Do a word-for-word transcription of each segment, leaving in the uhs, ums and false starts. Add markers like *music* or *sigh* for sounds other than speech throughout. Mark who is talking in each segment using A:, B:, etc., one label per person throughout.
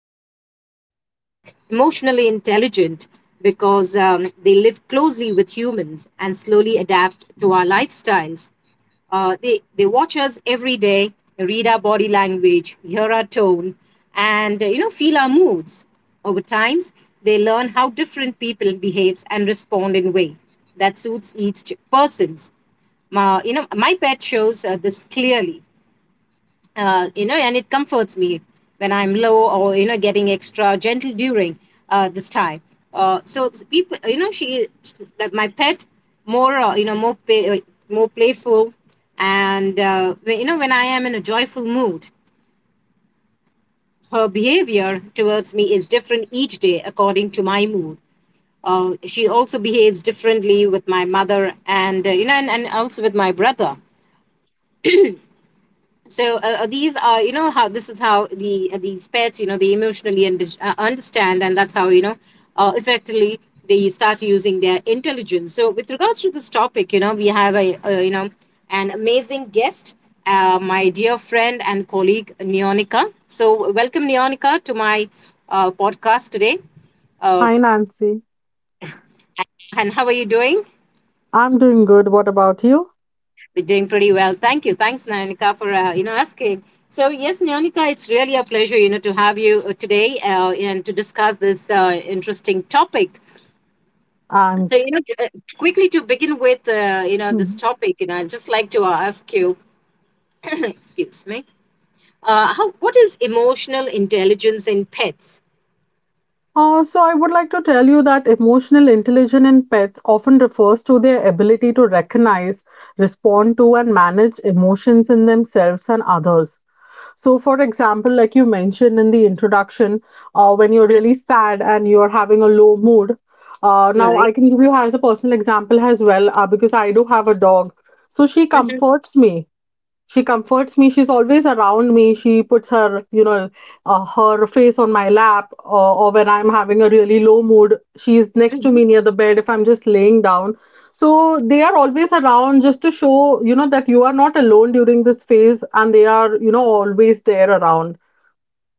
A: You know, some pets become emotionally intelligent because um, they live closely with humans and slowly adapt to our lifestyles. uh, they, they watch us every day, read our body language, hear our tone, and uh, you know feel our moods. Over times, they learn how different people behaves and respond in way that suits each person's. Ma, you know, my pet shows uh, this clearly, uh, you know, and it comforts me when I'm low, or, you know, getting extra gentle during uh, this time. Uh, so people, you know, she, that my pet, more, uh, you know, more, pay, uh, more playful. And, uh, when- you know, when I am in a joyful mood, her behavior towards me is different each day according to my mood. Uh, she also behaves differently with my mother, and uh, you know and, and also with my brother. So uh, uh, these are, you know how, this is how the uh, these pets, you know they emotionally und- uh, understand, and that's how, you know uh, effectively, they start using their intelligence. So with regards to this topic, you know we have a, uh you know an amazing guest, uh, my dear friend and colleague Neonica. So welcome, Neonica, to my uh, podcast today. uh,
B: Hi, Nancy.
A: and how are you doing?
B: I'm doing good. What about you?
A: We're doing pretty well. Thank you. Thanks, Nanika, for uh, you know asking. So yes, Nanika, it's really a pleasure, you know to have you uh, today, uh, and to discuss this uh, interesting topic.
B: I'm.
A: So you know, t- uh, Quickly to begin with, uh, you know this
B: Hmm.
A: topic, you know, I'd just like to ask you, *coughs* *clears throat* excuse me, uh, how what is emotional intelligence in pets?
B: Uh, so, I would like to tell you that emotional intelligence in pets often refers to their ability to recognize, respond to, and manage emotions in themselves and others. So, for example, like you mentioned in the introduction, uh, when you're
A: Mhm.
B: really sad and you're having a low mood. Uh, now,
A: Right.
B: I can give you as a personal example as well uh, because I do have a dog. So, she comforts me she comforts me. She's always around me. She puts her, you know, uh, her face on my lap, or, or when I'm having a really low mood, she's next to
A: Mhm.
B: me near the bed if I'm just laying down. So they are always around just to show, you know, that you are not alone during this phase and they are, you know, always there around.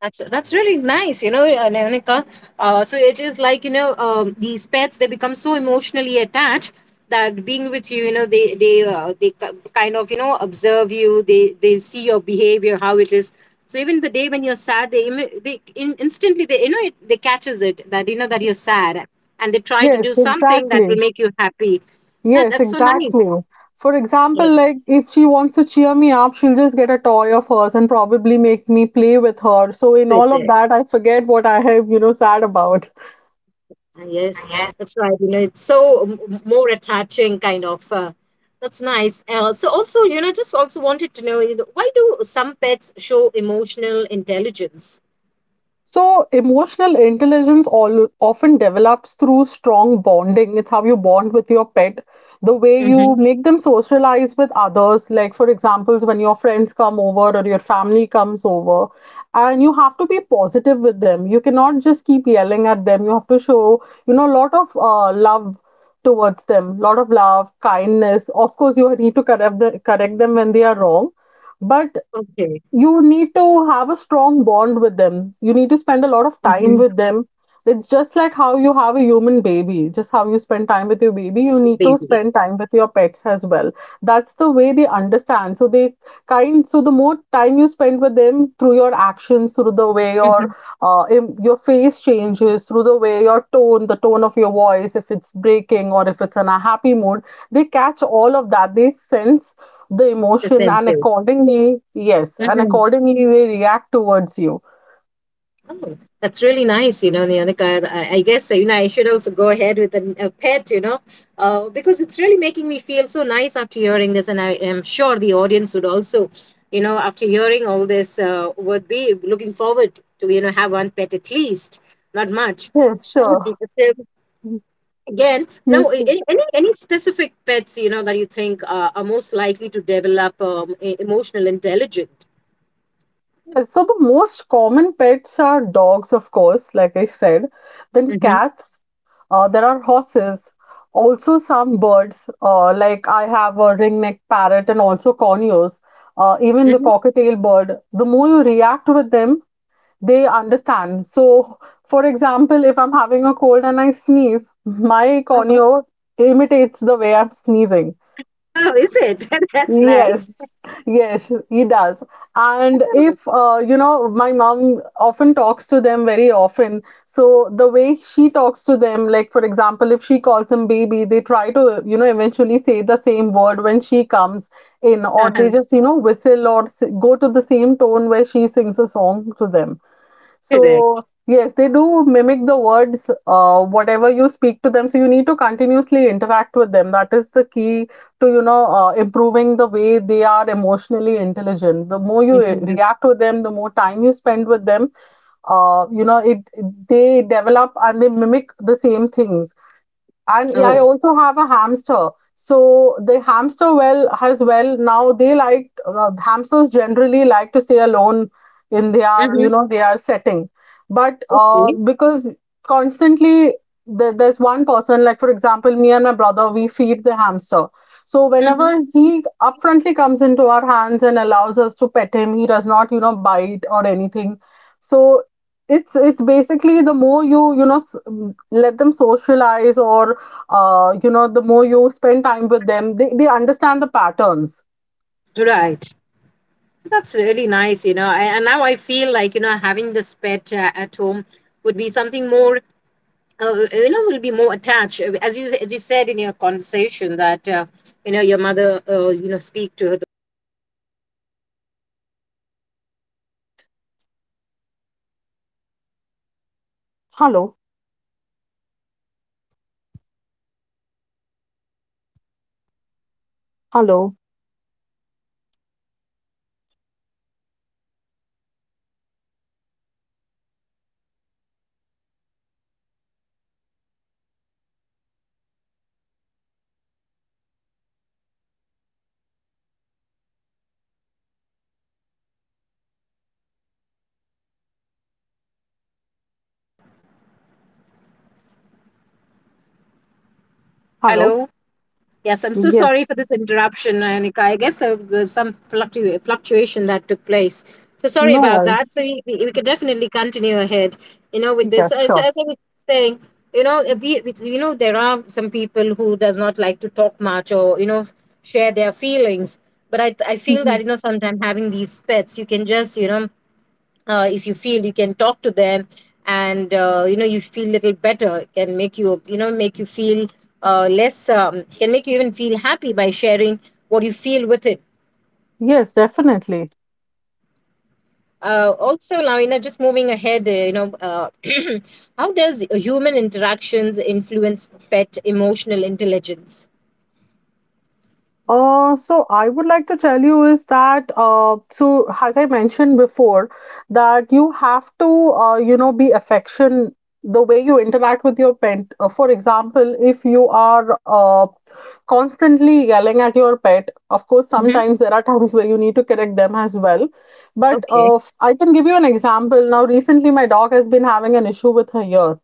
A: That's that's really nice, you know, uh, Nayonika. Uh, so it is like, you know, um, these pets, they become so emotionally attached that being with you, you know, they they uh, they ki- kind of, you know, observe you. They they see your behavior, how it is. So even the day when you're sad, they imi- they in, instantly they, you know it, they catches it that, you know, that you're sad, and they try to do
B: Yes,
A: something that will
B: exactly.
A: make you happy. That,
B: Yes,
A: that's so nice.
B: exactly. For example,
A: Yeah,
B: like if she wants to cheer me up, she'll just get a toy of hers and probably make me play with her. So in
A: with
B: all of
A: it.
B: that, I forget what I have, you know, sad about.
A: Ah, yes, that's right. You know, it's so m- m- more attaching, kind of. Uh, that's nice. Uh, so also, you know, just also wanted to know, you know, why do some pets show emotional intelligence?
B: So, emotional intelligence all, often develops through strong bonding. It's how you bond with your pet, the way you
A: Mm-hmm.
B: make them socialize with others. Like, for example, when your friends come over or your family comes over, and you have to be positive with them. You cannot just keep yelling at them. You have to show, you know, a lot of uh, love towards them, lot of love, kindness. Of course, you need to correct, the, correct them when they are wrong, but
A: Okay.
B: you need to have a strong bond with them. You need to spend a lot of time
A: Mm-hmm.
B: with them. It's just like how you have a human baby, just how you spend time with your baby, you need to
A: Baby.
B: spend time with your pets as well. That's the way they understand. So they kind so the more time you spend with them through your actions, through the way your
A: Mm-hmm.
B: uh, your face changes, through the way your tone, the tone of your voice, if it's breaking or if it's in a happy mood, they catch all of that. They sense the
A: The
B: emotion and
A: sensors.
B: accordingly yes and
A: Mm-hmm.
B: accordingly they react towards you.
A: Oh, that's really nice, you know, Leonica. I, I guess, you know, I should also go ahead with an, a pet, you know, uh, because it's really making me feel so nice after hearing this. And I am sure the audience would also, you know, after hearing all this, uh, would be looking forward to, you know, have one pet at least, not much.
B: Yeah,
A: Okay,
B: sure.
A: so again, now
B: Yes,
A: a-
B: sir.
A: a- any any specific pets, you know, that you think uh, are most likely to develop um, e- emotional intelligence?
B: Uh, So the most common pets are dogs, of course, like I said. Then
A: Mm-hmm.
B: cats. Uh, there are horses, also some birds, uh, like I have a ringneck parrot and also corneos, uh, even the
A: Mm-hmm.
B: cockatiel bird. The more you react with them, they understand. So, for example, if I'm having a cold and I sneeze, my
A: Uh-huh.
B: corneo imitates the way I'm sneezing.
A: Oh, is it? *laughs* That's nice.
B: Yes, yes, he does. And
A: Oh,
B: if, uh, you know, my mom often talks to them very often. So the way she talks to them, like, for example, if she calls them baby, they try to, you know, eventually say the same word when she comes in, or they
A: uh-huh,
B: just, you know, whistle or s- go to the same tone where she sings a song to them.
A: correct.
B: So, yes, they do mimic the words, uh, whatever you speak to them. So, you need to continuously interact with them. That is the key to, you know, uh, improving the way they are emotionally intelligent. The more you uh,
A: Mm-hmm.
B: react with them, the more time you spend with them, uh, you know, it they develop and they mimic the same things, and yeah, I
A: Oh,
B: also have a hamster. So the hamster well has well now they like uh, hamsters generally like to stay alone in their, you
A: mm-hmm.
B: know, their setting, but uh,
A: Okay.
B: because constantly there, there's one person, like for example me and my brother, we feed the hamster. So
A: Mm-hmm.
B: whenever he upfrontly comes into our hands and allows us to pet him, he does not, you know, bite or anything. So it's it's basically the more you, you know, s- let them socialize or, uh, you know, the more you spend time with them, they, they understand the patterns.
A: Right. That's really nice, you know. I, and now I feel like, you know, having this pet uh, at home would be something more, uh, you know, will be more attached. Uh, As you as you said in your conversation that, uh, you know, your mother, uh, you know, speak to the parrot. Uh,
B: Hello, hello,
A: Oh,
B: hello.
A: hello. Yes, I'm so sorry
B: Yes,
A: for this interruption, Anika. I guess there was some fluctu- fluctuation that took place. So sorry
B: no
A: about that. So
B: worries.
A: we, we, we could definitely continue ahead, you know, with this. So,
B: Yes,
A: so
B: sure.
A: as I was saying, you know, uh, we, we- you know, there are some people who does not like to talk much, or, you know, share their feelings. But I, I feel that,
B: Mhm.
A: you know, sometimes having these pets, you can just, you know, uh, if you feel, you can talk to them, and uh, you know, you feel little better. It can make you, you know, make you feel uh, less um, can make you even feel happy by sharing what you feel with it.
B: Yes, definitely.
A: Uh, also now, you know, just moving ahead, uh, you know uh, *clears throat* how does human interactions influence pet emotional intelligence?
B: Uh, so I would like to tell you is that, uh, so as I mentioned before, that you have to, uh, you know, be affection the way you interact with your pet. Uh, for example, if you are uh, constantly yelling at your pet, of course
A: Hmm.
B: sometimes there are times where you need to correct them as well. But
A: Okay.
B: uh, f- I can give you an example. Now recently my dog has been having an issue with her ear,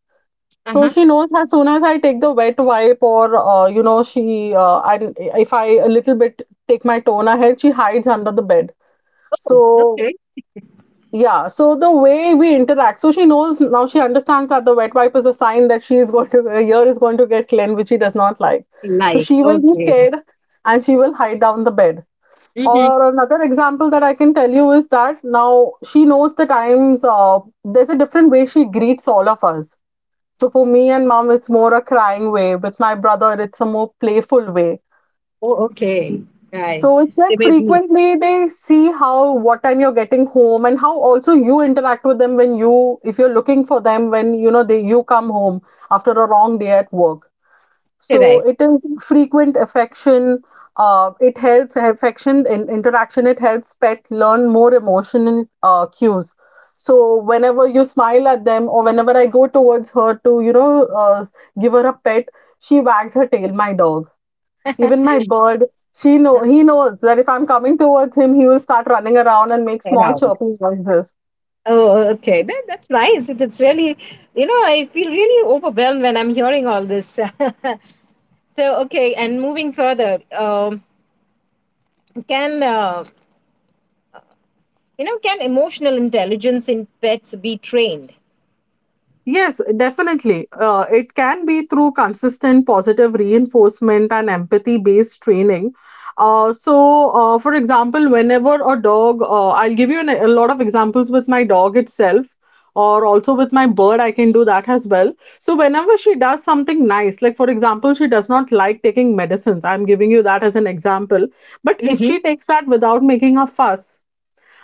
B: so
A: Uh-huh.
B: she knows as soon as I take the wet wipe or uh, you know, she uh, and if I a little bit take my tone ahead, she hides under the bed. So
A: Okay.
B: yeah, so the way we interact, so she knows now she understands that the wet wipe is a sign that she is going to her ear is going to get cleaned, which she does not like. So
A: Like,
B: she will be
A: okay.
B: scared and she will hide down the bed.
A: Mm-hmm.
B: Or another example that I can tell you is that now she knows the times. Uh, there's a different way she greets all of us. So for me and mom, it's more a crying way. With my brother, it's a more playful way.
A: Oh, okay. Right.
B: So it's
A: They
B: like
A: may be
B: frequently they see how what time you're getting home and how also you interact with them when you if you're looking for them when, you know, they you come home after a long day at work. So
A: correct
B: it is frequent affection. Uh, it helps. Affection and interaction It helps pet learn more emotional uh, cues. So whenever you smile at them, or whenever I go towards her to, you know, uh, give her a pet, she wags her tail. My dog, even my bird, she know he knows that if I'm coming towards him, he will start running around and make small
A: around.
B: chirping noises.
A: Oh, okay. That, that's nice. It, it's really, you know, I feel really overwhelmed when I'm hearing all this. *laughs* So, okay, and moving further, um, can, uh, you know, can emotional intelligence in pets be trained?
B: Yes, definitely. Uh, it can be through consistent positive reinforcement and empathy based training. Uh, so, uh, for example, whenever a dog, uh, I'll give you an, a lot of examples with my dog itself, or also with my bird, I can do that as well. So, whenever she does something nice, like for example, she does not like taking medicines, I'm giving you that as an example. But if
A: Mm-hmm.
B: she takes that without making a fuss,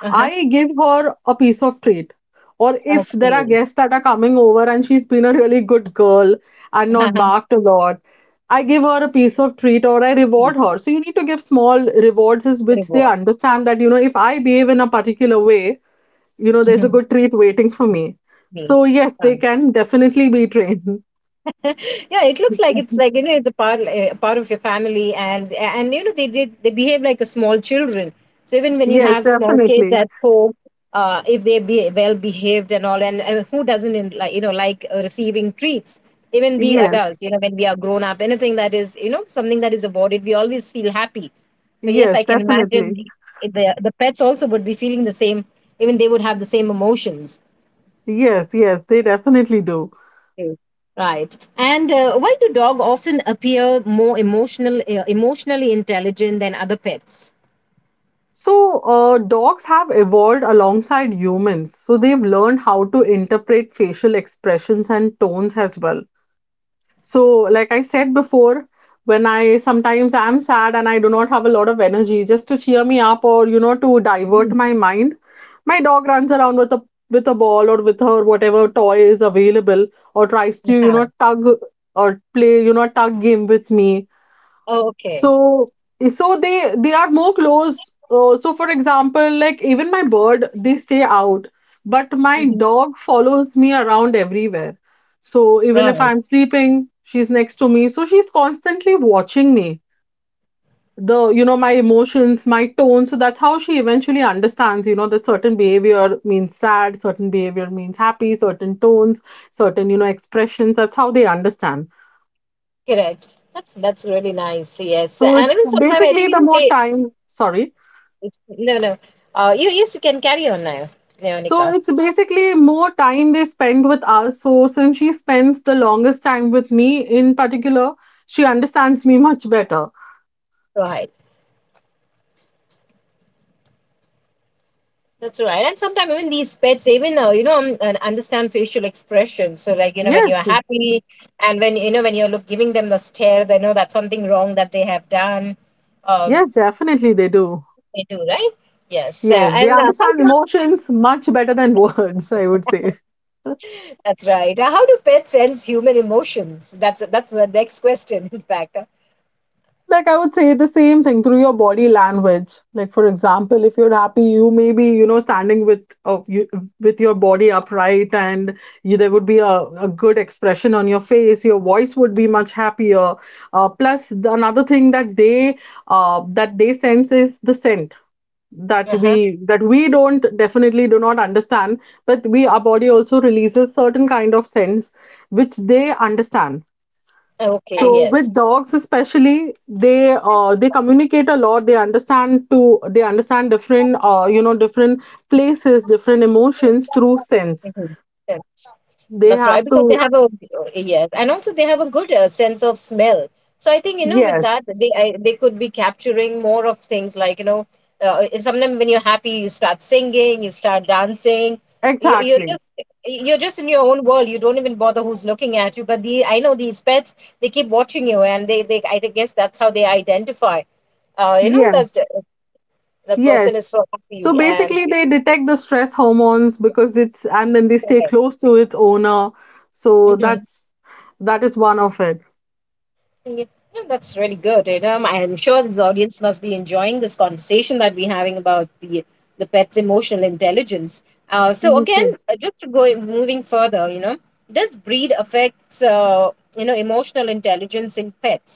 A: Uh-huh.
B: I give her a piece of treat. Or if there are
A: Okay.
B: guests that are coming over and she's been a really good girl and not
A: *laughs*
B: barked a lot, I give her a piece of treat or I reward her. So you need to give small rewards is which they
A: Reward.
B: understand that, you know, if I behave in a particular way, you know, there's a good treat waiting for me. So yes,
A: Mm-hmm.
B: they can definitely be trained.
A: *laughs* Yeah, it looks like it's like, you
B: *laughs*
A: know, it's a part, eh, a part of your family, and and you know, they did they behave like a small children. So even when you
B: Yes,
A: have small kids
B: definitely.
A: at home, uh, if they be well behaved and all, and uh, who doesn't, in, like you know, like uh, receiving treats, even we
B: Yes.
A: adults, you know, when we are grown up, anything that is, you know, something that is awarded, we always feel happy. So yes,
B: Yes,
A: I can imagine
B: definitely.
A: the the pets also would be feeling the same. Even they would have the same emotions.
B: Yes, yes, they definitely do.
A: Okay, right. And uh, why do dogs often appear more emotional, uh, emotionally intelligent than other pets?
B: So, uh, dogs have evolved alongside humans. So, they've learned how to interpret facial expressions and tones as well. So, like I said before, when I sometimes am sad and I do not have a lot of energy, just to cheer me up or, you know, to divert
A: Mhm.
B: my mind, my dog runs around with a with a ball or with her whatever toy is available, or tries to, you
A: Yeah.
B: know, tug or play, you know, tug game with me.
A: Oh, okay.
B: So so they they are more close. Uh, so for example, like even my bird, they stay out, but my
A: Hmm.
B: dog follows me around everywhere. So even if
A: Right.
B: I'm sleeping, she's next to me. So she's constantly watching me. The You know, my emotions, my tone. So that's how she eventually understands, you know, that certain behavior means sad, certain behavior means happy, certain tones, certain, you know, expressions. That's how they understand.
A: Correct. That's that's really nice. Yes.
B: So
A: And
B: it's
A: even sometimes I
B: basically
A: think, you
B: the
A: know,
B: more
A: they.
B: time. Sorry.
A: It's no no. Uh, you, yes, you can carry on now,
B: So
A: Leonica.
B: it's basically more time they spend with us. So since she spends the longest time with me in particular, she understands me much better.
A: Right. That's right. And sometimes even these pets even, uh, you know, um, and understand facial expression. So like, you know, when you're
B: Yes,
A: happy, and when you know, when you're look giving them the stare, they know that's something wrong that they have done. Um,
B: yes, definitely they do.
A: they do, right. Yes, uh,
B: Yes, they
A: and uh, how
B: understand
A: do
B: emotions much better than *laughs* words, I would say.
A: *laughs* that's right. Uh, how do pets sense human emotions? That's that's the next question. In fact,
B: Like, I would say the same thing through your body language. Like, for example, if you're happy, you may be, you know, standing with, uh, you, with your body upright, and you, there would be a, a good expression on your face. Your voice would be much happier. Uh, plus, the, another thing that they uh, that they sense is the scent that
A: uh huh.
B: we that we don't, definitely do not understand, but we, our body, also releases certain kind of scents which they understand.
A: Okay.
B: So
A: Yes.
B: with dogs especially, they uh, they communicate a lot. They understand to they understand different,
A: *laughs*
B: uh, you know, different places, different emotions through sense.
A: Mhm.
B: They
A: That's right,
B: have
A: because they
B: to.
A: have a, yes, and also they have a good uh, sense of smell. So I think, you know, with
B: Yes,
A: that, they I, they could be capturing more of things, like, you know, uh, sometimes when you're happy, you start singing, you start dancing, you, you're
B: exactly.
A: just you're just in your own world. You don't even bother who's looking at you. But the, I know these pets, they keep watching you, and they they, I think- guess that's how they identify. Uh, you know that
B: Yes.
A: uh, the person is
B: Yes.
A: so
B: So
A: happy and.
B: basically
A: *laughs*
B: they detect the stress hormones because it's, and then they stay
A: Yeah.
B: close to its owner. So
A: Mm-hmm.
B: that's that is one of it.
A: Yeah, that's really good, you know. I'm sure the audience must be enjoying this conversation that we're having about the the pet's emotional intelligence. Uh, so again,
B: Okay.
A: uh, just to go moving further, you know, does breed affects uh, you know, emotional intelligence in pets?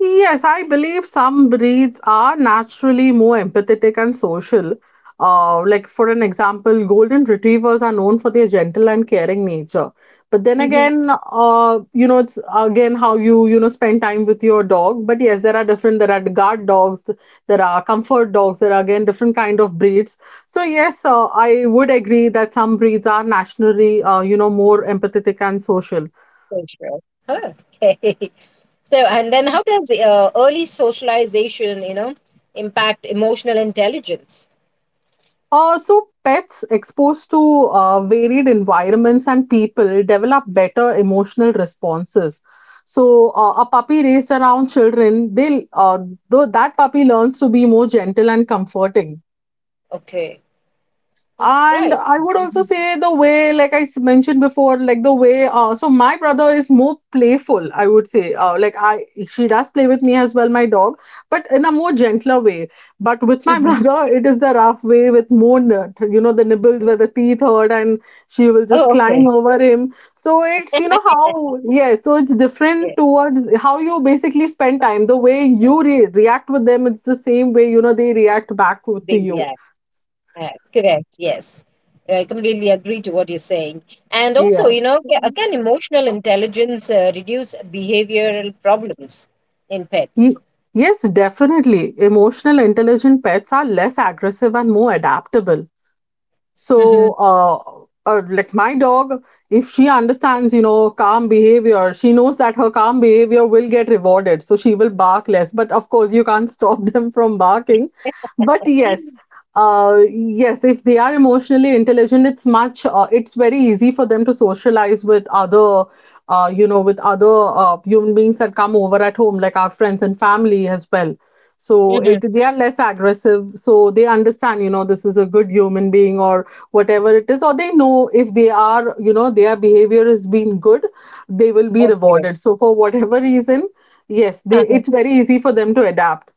B: Yes, I believe some breeds are naturally more empathetic and social. Uh, like, for an example, golden retrievers are known for their gentle and caring nature. But then
A: Hmm.
B: again, uh, you know, it's again how you, you know, spend time with your dog. But yes, there are different, there are guard dogs, th- there are comfort dogs, there are again different kind of breeds. So yes, uh, I would agree that some breeds are naturally, uh, you know, more empathetic and social.
A: Social. Huh, okay. *laughs* So and then how does the, uh, early socialization, you know, impact emotional intelligence?
B: Uh, so pets exposed to uh, varied environments and people develop better emotional responses. So uh, a puppy raised around children, they uh, though that puppy learns to be more gentle and comforting.
A: Okay,
B: And
A: right.
B: I would also
A: Hmm.
B: say the way, like I s- mentioned before, like the way, uh, so my brother is more playful, I would say. Uh, like I, she does play with me as well, my dog, but in a more gentler way. But with my *laughs* brother, it is the rough way with more, n- you know, the nibbles where the teeth hurt and she will just
A: Oh,
B: climb
A: okay.
B: over him. So it's, you know, how,
A: *laughs*
B: yes, so it's different
A: Yes.
B: towards how you basically spend time. The way you re react with them, it's the same way, you know, they react back with- to
A: Baby
B: you.
A: act, act. Correct. Yes. I completely agree to what you're saying. And also,
B: Yeah.
A: you know, ca- can emotional intelligence uh, reduce behavioral problems in
B: Ye-
A: pets?
B: Yes, definitely. Emotional intelligent pets are less aggressive and more adaptable.
A: Mm-hmm.
B: So, uh, uh, like my dog, if she understands, you know, calm behavior, she knows that her calm behavior will get rewarded. So she will bark less. But of course, you can't stop *laughs* them from barking. But yes,
A: *laughs*
B: uh, yes, if they are emotionally intelligent, it's much, uh, it's very easy for them to socialize with other. Uh, you know, with other uh, human beings that come over at home, like our friends and family as well. So
A: Mm-hmm.
B: it they are less aggressive, so they understand, you know, this is a good human being, or whatever it is. Or they know if they are, you know, their behavior has been good, they will be
A: Okay.
B: rewarded, so for whatever reason, yes, they,
A: *laughs*
B: it's very easy for them to adapt.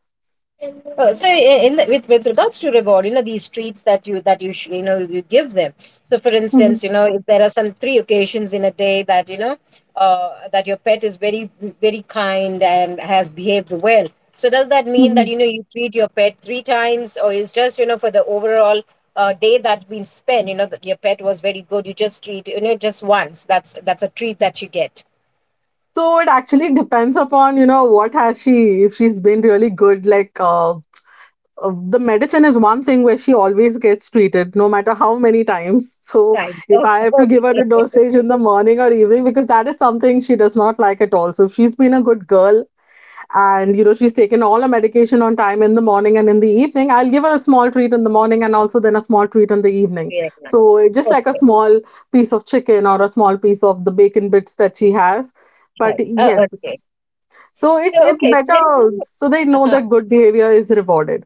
A: Uh, so i- in the, with with regards to reward, you know, these treats that you that you sh- you know, you give them. So for
B: Mhm,
A: instance, you know, if there are some three occasions in a day that, you know, uh, that your pet is very very kind and has behaved well. So does that mean that,
B: mhm.
A: you know, you treat your pet three times, or is just, you know, for the overall uh, day that's been spent, you know, that your pet was very good, you just treat, you know, just once, that's that's a treat that you get
B: So it actually depends upon, you know, what has she, if she's been really good, like uh, uh, the medicine is one thing where she always gets treated no matter how many times. So
A: time.
B: if
A: Oh,
B: I
A: *laughs*
B: have to give her
A: okay.
B: a
A: *laughs*
B: dosage in the morning or evening, because that is something she does not like at all. So if she's been a good girl, and you know, she's taken all her medication on time in the morning and in the evening, I'll give her a small treat in the morning and also then a small treat in the evening.
A: Really nice.
B: So just like a
A: Okay,
B: small piece of chicken or a small piece of the bacon bits that she has. But
A: yes. Oh, okay.
B: yes, so
A: So
B: it's it's
A: okay, so
B: better,
A: there is no,
B: so they know
A: uh-huh,
B: that good behavior is rewarded.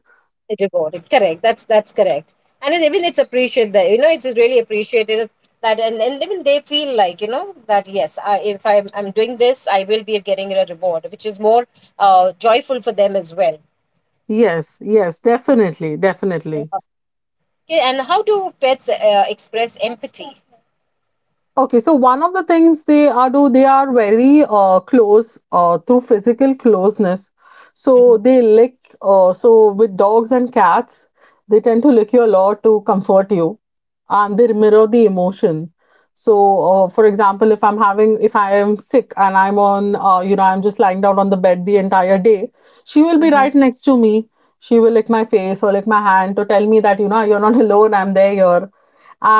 A: it reward. Correct. That's that's correct. And then even it's appreciated that, you know, it's really appreciated that, and, and even they feel like, you know, that yes, I, if I'm, I'm doing this, I will be getting a reward, which is more uh, joyful for them as well.
B: Yes, yes, definitely, definitely.
A: Uh-huh. Okay, and how do pets uh, express empathy?
B: Okay, so one of the things they are do, they are very uh, close uh, through physical closeness. So
A: Mm-hmm.
B: they lick, uh, so with dogs and cats, they tend to lick you a lot to comfort you, and they mirror the emotion. So, uh, for example, if I'm having, if I am sick and I'm on, uh, you know, I'm just lying down on the bed the entire day, she will be
A: Mm-hmm.
B: right next to me. She will lick my face or lick my hand to tell me that, you know, you're not alone, I'm there here.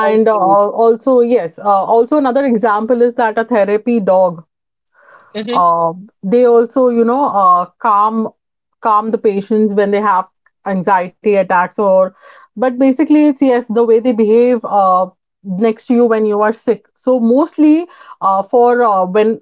A: How
B: uh,
A: sweet.
B: also, yes, uh, also another example is that a therapy dog,
A: Mm-hmm.
B: uh, they also, you know, uh, calm calm the patients when they have anxiety attacks or, but basically it's yes, the way they behave uh, next to you when you are sick. So mostly uh, for uh, when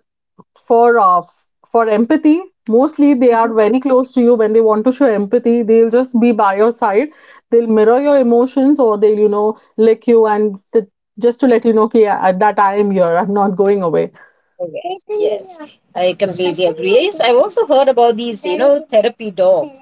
B: for uh, for empathy, mostly they are
A: Mm-hmm.
B: very close to you. When they want to show empathy, they'll just be by your side, they'll mirror your emotions, or they'll, you know, lick you and th- just to let you know ki, uh, that I am here, I'm not going away.
A: Okay. Yes, I completely agree. Yes, I've also heard about these, you know, therapy dogs.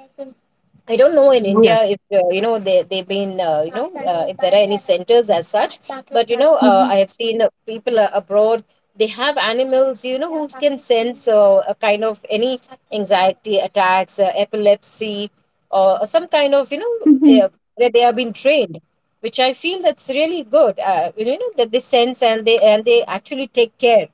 A: I don't know in India
B: Yes.
A: if, uh, you know, they they've been, uh, you know uh, if there are any centers as such, but you know,
B: *laughs*
A: uh, I
B: Mhm.
A: have seen, uh, people, uh, abroad, they have animals, you know, who can sense uh, a kind of any anxiety attacks, uh, epilepsy, or some kind of, you know, uh,
B: Mhm.
A: where they have been trained, which I feel that's really good. Uh, you know that they sense and they and they actually take care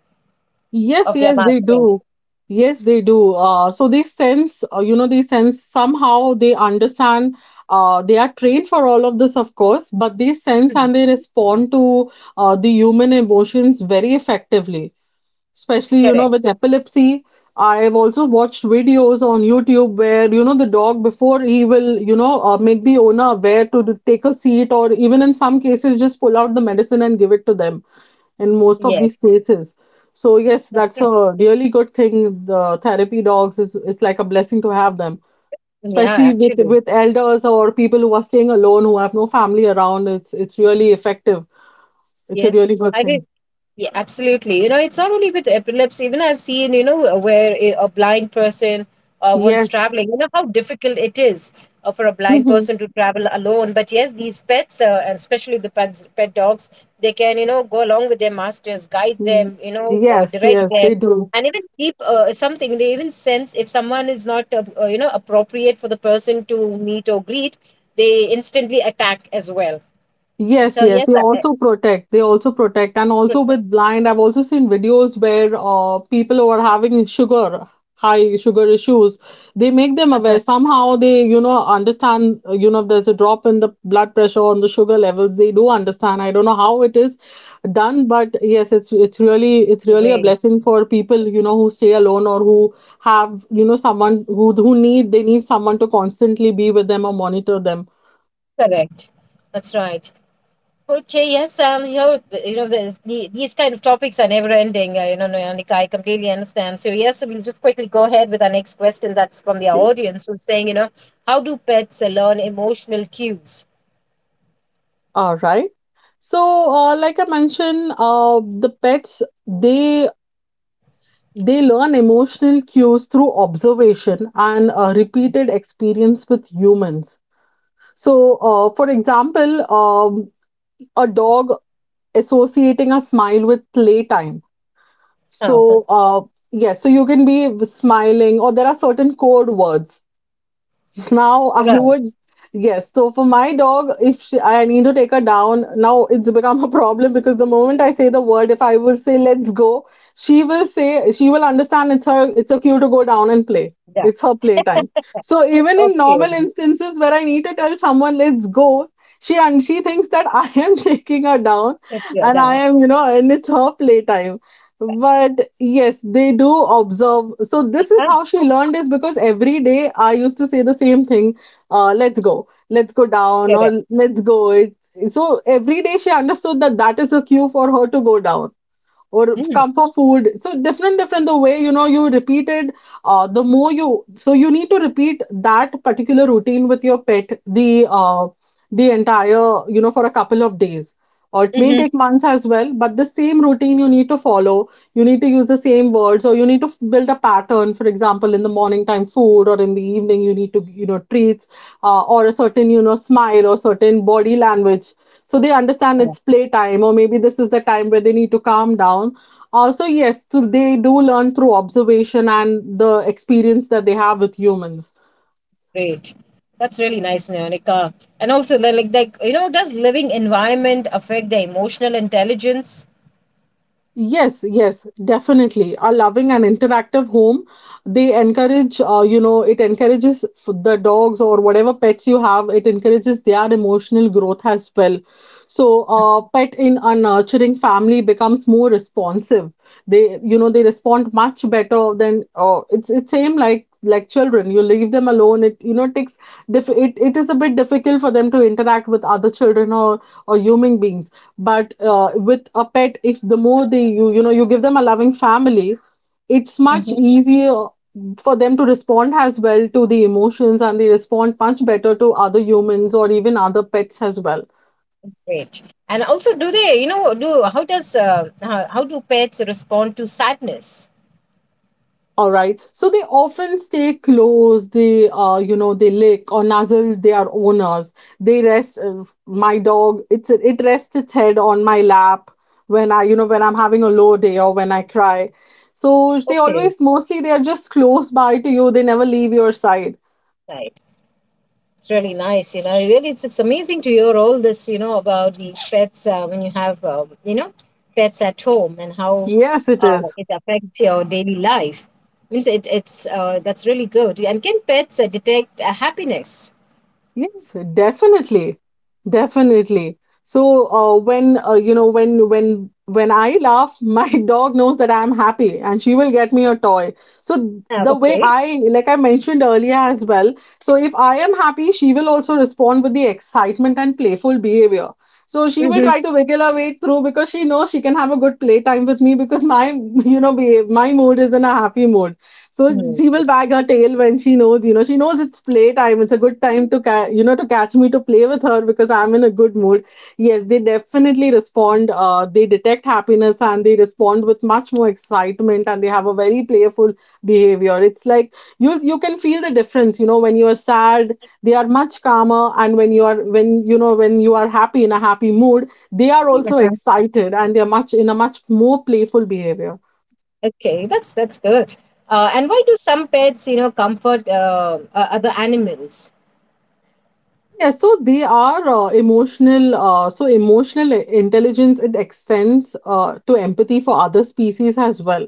B: Yes,
A: of their
B: yes, they
A: masters.
B: do. Yes, they do. Uh, so they sense, uh, you know, they sense, somehow they understand, uh, they are trained for all of this, of course, but they sense
A: Hmm.
B: and they respond to uh, the human emotions very effectively, especially, you know,
A: Correct.
B: with epilepsy. I've also watched videos on YouTube where, you know, the dog, before he will, you know, uh, make the owner aware to d- take a seat, or even in some cases just pull out the medicine and give it to them, in most of these
A: Yes.
B: cases. So yes,
A: *laughs* That's
B: that's
A: correct.
B: a really good thing. The therapy dogs is is like a blessing to have them,
A: Yeah,
B: especially with
A: actually.
B: with elders or people who are staying alone, who have no family around. it's it's really effective, it's a
A: Yes.
B: really good
A: I
B: thing.
A: will. Yeah, absolutely. You know, it's not only with epilepsy. Even I've seen, you know, where a a blind person uh, once
B: Yes.
A: traveling, you know, how difficult it is uh, for a blind
B: *laughs*
A: person to travel alone. But yes, these pets, uh, and especially the pets, pet dogs, they can, you know, go along with their masters, guide
B: Mm.
A: them, you know, uh,
B: Yes,
A: direct
B: yes,
A: them,
B: they do.
A: and even keep uh, something. They even sense if someone is not, uh, uh, you know, appropriate for the person to meet or greet, they instantly attack as well.
B: Yes,
A: So,
B: yes,
A: yes,
B: they
A: uh,
B: also protect. They also protect. And also with blind, I've also seen videos where uh, people who are having sugar, high sugar issues, they make them
A: uh,
B: aware. Somehow they, you know, understand, uh, you know, if there's a drop in the blood pressure on the sugar levels, they do understand. I don't know how it is done, but yes, it's it's really it's
A: *laughs* the
B: really a
A: way.
B: blessing for people, you know, who stay alone, or who have, you know, someone who who need, they need someone to constantly be with them or monitor them.
A: Correct. That's right. Okay, yes, um, you know, th- you know, there's the, these kind of topics are never ending. Uh, you know, Nanika, I completely understand. So yes, we'll just quickly go ahead with our next question. That's from the
B: Okay.
A: audience who's saying, you know, how do pets uh, learn emotional cues?
B: All right. So, uh, like I mentioned, uh, the pets, they they learn emotional cues through observation and uh, repeated experience with humans. So, uh, for example, um, a dog associating a smile with playtime.
A: Oh,
B: So, uh, yes, so you can be smiling, or there are certain code words now I
A: right.
B: would, yes. So for my dog, if she, I need to take her down, now it's become a problem because the moment I say the word, if I will say let's go, she will say she will understand it's her, it's a cue to go down and play.
A: Yeah.
B: It's her playtime. So even in normal
A: Okay.
B: instances where I need to tell someone let's go, she, and she thinks that I am *laughs* taking her down,
A: That's yeah,
B: and I
A: that.
B: am, you know, and it's her playtime. But yes, they do observe. So this is
A: Ah,
B: how she learned, is because every day I used to say the same thing, uh, let's go, let's go down, or
A: correct.
B: let's go it, so every day she understood that that is the cue for her to go down or
A: Mm.
B: come for food. So different different the way, you know, you repeated, uh, the more you, so you need to repeat that particular routine with your pet the uh, the entire, you know, for a couple of days, or it may
A: Mm-hmm.
B: take months as well, but the same routine you need to follow. You need to use the same words, or you need to f- build a pattern, for example, in the morning time food, or in the evening you need to, you know, treats, uh, or a certain, you know, smile or certain body language, so they understand
A: Ah,
B: it's playtime or maybe this is the time where they need to calm down. Also, yes, through, they do learn through observation and the experience that they have with humans.
A: great. That's really nice, Nanika. And also, like, like, you know, does living environment affect their emotional intelligence?
B: Yes, yes, definitely. A loving and interactive home, they encourage, uh, you know, it encourages f- the dogs or whatever pets you have, it encourages their emotional growth as well. So, uh, pet in a nurturing family becomes more responsive. They, you know, they respond much better than, uh, it's it's same like like children. You leave them alone, it, you know, takes diff, it, it is a bit difficult for them to interact with other children or or human beings. But uh, with a pet, if the more they, you you know, you give them a loving family, it's much easier for them to respond as well to the emotions, and they respond much better to other humans or even other pets as well.
A: Great. And also, do they, you know, do how does uh, how, how do pets respond to sadness?
B: All right. So they often stay close. They, uh, you know, they lick or nuzzle their owners. They rest. Uh, my dog, it's it rests its head on my lap when I, you know, when I'm having a low day or when I cry. So they
A: Okay,
B: always, mostly, they are just close by to you. They never leave your side.
A: right. It's really nice, you know. Really, it's, it's amazing to hear all this, you know, about the pets uh, when you have, uh, you know, pets at home and how
B: Yes, it
A: uh,
B: is.
A: it affects your daily life. Means it, it's uh, that's really good. And can pets uh, detect uh, happiness?
B: Yes, definitely. Definitely. So, uh, when uh, you know when when when I laugh, *laughs* my dog knows that I'm happy and she will get me a toy. So
A: Ah,
B: the way
A: okay.
B: I like I mentioned earlier as well, so if I am happy, she will also respond with the excitement and playful behavior. So she will
A: Mm-hmm.
B: try to wiggle her way through because she knows she can have a good playtime with me because my *laughs* you know be, my mood is in a happy mood, so
A: Hmm.
B: she will wag her tail when she knows you know she knows it's playtime. It's a good time to ca- you know to catch me to play with her because I'm in a good mood. Yes, they definitely respond, uh, they detect happiness and they respond with much more excitement, and they have a very playful behavior. It's like you you can feel the difference. You know, when you are sad they are much calmer, and when you are when you know when you are happy, in a happy mood, they are also excited and they are much in a much more playful behavior.
A: Okay, that's that's good. Uh, and why do some pets, you know, comfort uh, uh, other animals?
B: Yeah, so they are uh, emotional. Uh, so emotional i- intelligence, it extends uh, to empathy for other species as well.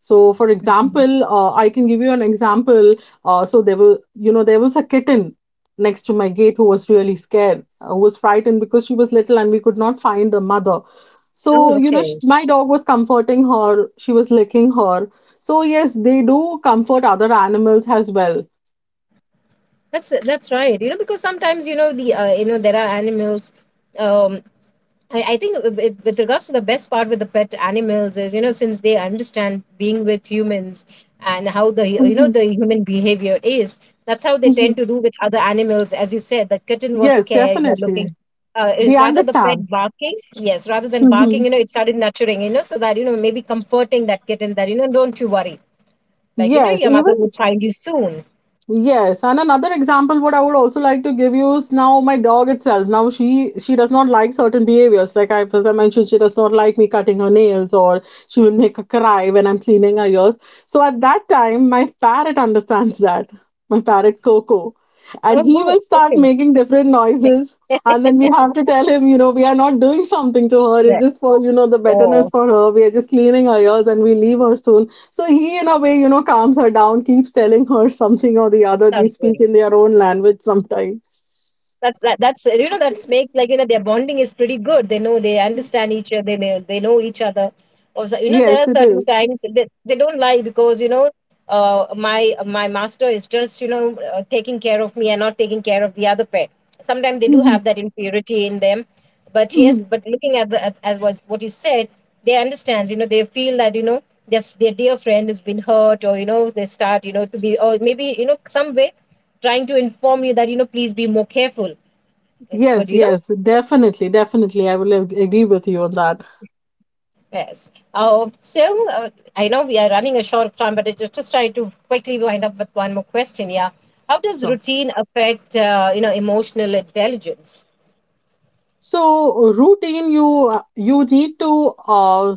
B: So, for example, uh, I can give you an example. Uh, so there were, you know, There was a kitten next to my gate who was really scared, uh, who was frightened because she was little and we could not find the mother. So,
A: Oh,
B: you know, sh
A: okay,
B: my dog was comforting her. She was licking her. So yes, they do comfort other animals as well.
A: that's that's right. You know, because sometimes you know the uh, you know there are animals. Um, I, I think with, with regards to the best part with the pet animals is, you know, since they understand being with humans and how the, you know,
B: Mhm,
A: the human behavior is, that's how they
B: mhm.
A: tend to do with other animals. As you said, the kitten was
B: Yes,
A: scared, you know, looking.
B: definitely.
A: Uh,
B: They
A: it- rather the
B: understand.
A: pet barking, yes, rather than barking,
B: Mhm.
A: you know, it started nurturing, you know, so that, you know, maybe comforting that kitten that, you know, don't you worry, like, you know,
B: Yes,
A: your
B: even
A: mother would find you soon.
B: yes. And another example, what I would also like to give you is now my dog itself. Now she she does not like certain behaviors. Like I as I mentioned, she does not like me cutting her nails, or she will make her cry when I'm cleaning her ears. So at that time, my parrot understands that. My parrot Coco, and
A: Oh
B: he
A: wow,
B: will start
A: okay.
B: making different noises. And
A: *laughs*
B: then we have to tell him, you know, we are not doing something to her. It's
A: Yeah.
B: just for, you know, the
A: Oh,
B: betterness for her. We are just cleaning her ears and we leave her soon. So he, in a way, you know, calms her down, keeps telling her something or the other. They
A: sounds
B: speak
A: good.
B: in their own language sometimes.
A: That's that that's uh, you know, that makes, like, you know, their bonding is pretty good. They know, they understand each other, they they, they know each other. Also, you know, there are
B: Yes, it
A: certain
B: is.
A: times they, they don't lie because, you know, uh, my my master is just, you know, uh, taking care of me and not taking care of the other pet. Sometimes they do
B: Mhm.
A: have that inferiority in them, but yes,
B: Mhm.
A: but looking at the at, as was what you said, they understands, you know, they feel that, you know, their, their dear friend has been hurt, or you know they start, you know, to be, or maybe, you know, some way trying to inform you that, you know, please be more careful. It could,
B: Yes,
A: you know.
B: yes, definitely, definitely. I will ag- agree with you on that.
A: Yes. uh, so uh, I know we are running a short time, but I just, just try to quickly wind up with one more question. Yeah, how does
B: Sure.
A: routine affect, uh, you know, emotional intelligence?
B: So routine, you uh, you need to uh,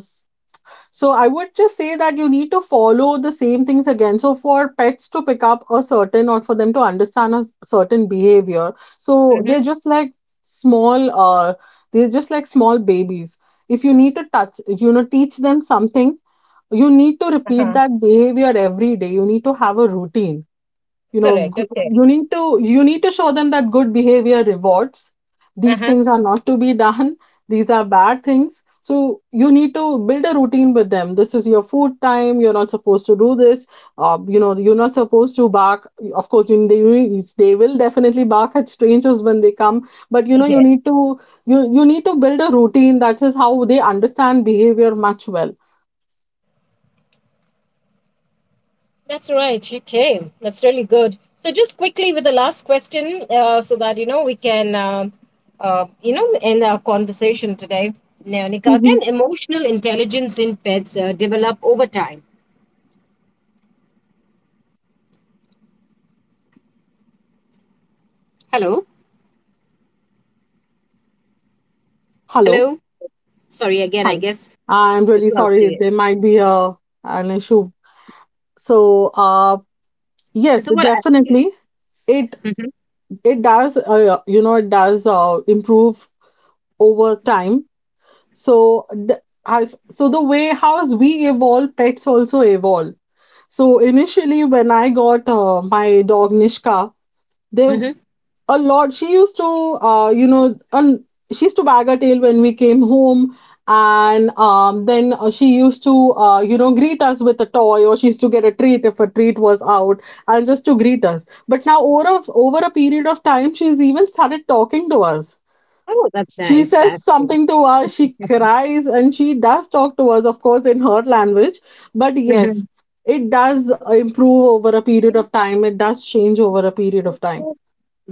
B: So I would just say that you need to follow the same things again. So for pets to pick up a certain, or for them to understand a s- certain behavior, so
A: Mm-hmm.
B: they're just like small uh they're just like small babies. If you need to touch, you know, teach them something, you need to repeat
A: Uh-huh.
B: that behavior every day. You need to have a routine. you know
A: Correct,
B: g-
A: okay.
B: you need to you need to show them that good behavior rewards. These
A: Uh-huh.
B: things are not to be done, these are bad things. So you need to build a routine with them. This is your food time, you're not supposed to do this, uh, you know, you're not supposed to bark. Of course you, they, they will definitely bark at strangers when they come, but you know, you
A: Yeah,
B: need to, you you need to build a routine. That is how they understand behavior much well.
A: that's right, okay, that's really good. So just quickly with the last question, uh, so that, you know, we can um uh, you know, end our conversation today. Neonica,
B: Mhm.
A: can emotional intelligence in pets uh, develop over time? Hello.
B: Hello.
A: Hello. Sorry, again, I
B: Hello.
A: guess
B: I'm really
A: just lost
B: sorry,
A: you.
B: there might be a an issue. So uh yes,
A: So what? I,
B: definitely. it
A: hmm.
B: it does, uh, you know it does uh, improve over time. So the, as so the way hows we evolve, pets also evolve. So initially when I got uh, my dog Nishka, there
A: Hmm.
B: a lot she used to uh, you know un- she used to bag her tail when we came home, and um, then uh, she used to, uh, you know greet us with a toy, or she used to get a treat if a treat was out, and just to greet us. But now over a- over a period of time she's even started talking to us.
A: Oh, that's
B: She
A: nice.
B: says
A: That's
B: something to us, she cries, and she does talk to us, of course in her language. But
A: cool.
B: yes,
A: *laughs*
B: it does improve over a period of time, it does change over a period of time.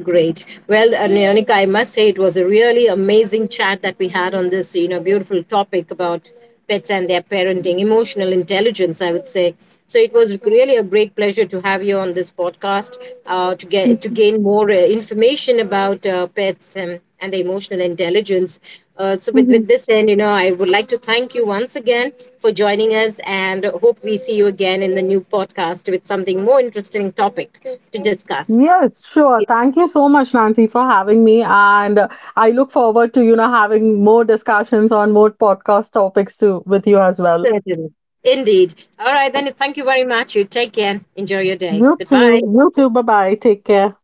A: Great. Well, uh, Leonica, I must say it was a really amazing chat that we had on this, you know, beautiful topic about pets and their parenting, emotional intelligence, I would say. So it was really a great pleasure to have you on this podcast uh, to get to gain more uh, information about uh, pets and, and the emotional intelligence. Uh, so with, with
B: Mhm.
A: this end, you know, I would like to thank you once again for joining us and hope we see you again in the new podcast with something more interesting topic to discuss.
B: Yes, sure. Thank you so much, Nancy, for having me. And uh, I look forward to, you know, having more discussions on more podcast topics too with you as well.
A: Certainly. Indeed. All right, then. Thank you very much. You take care. Enjoy your day.
B: You too.
A: Goodbye.
B: You too. Bye bye. Take care.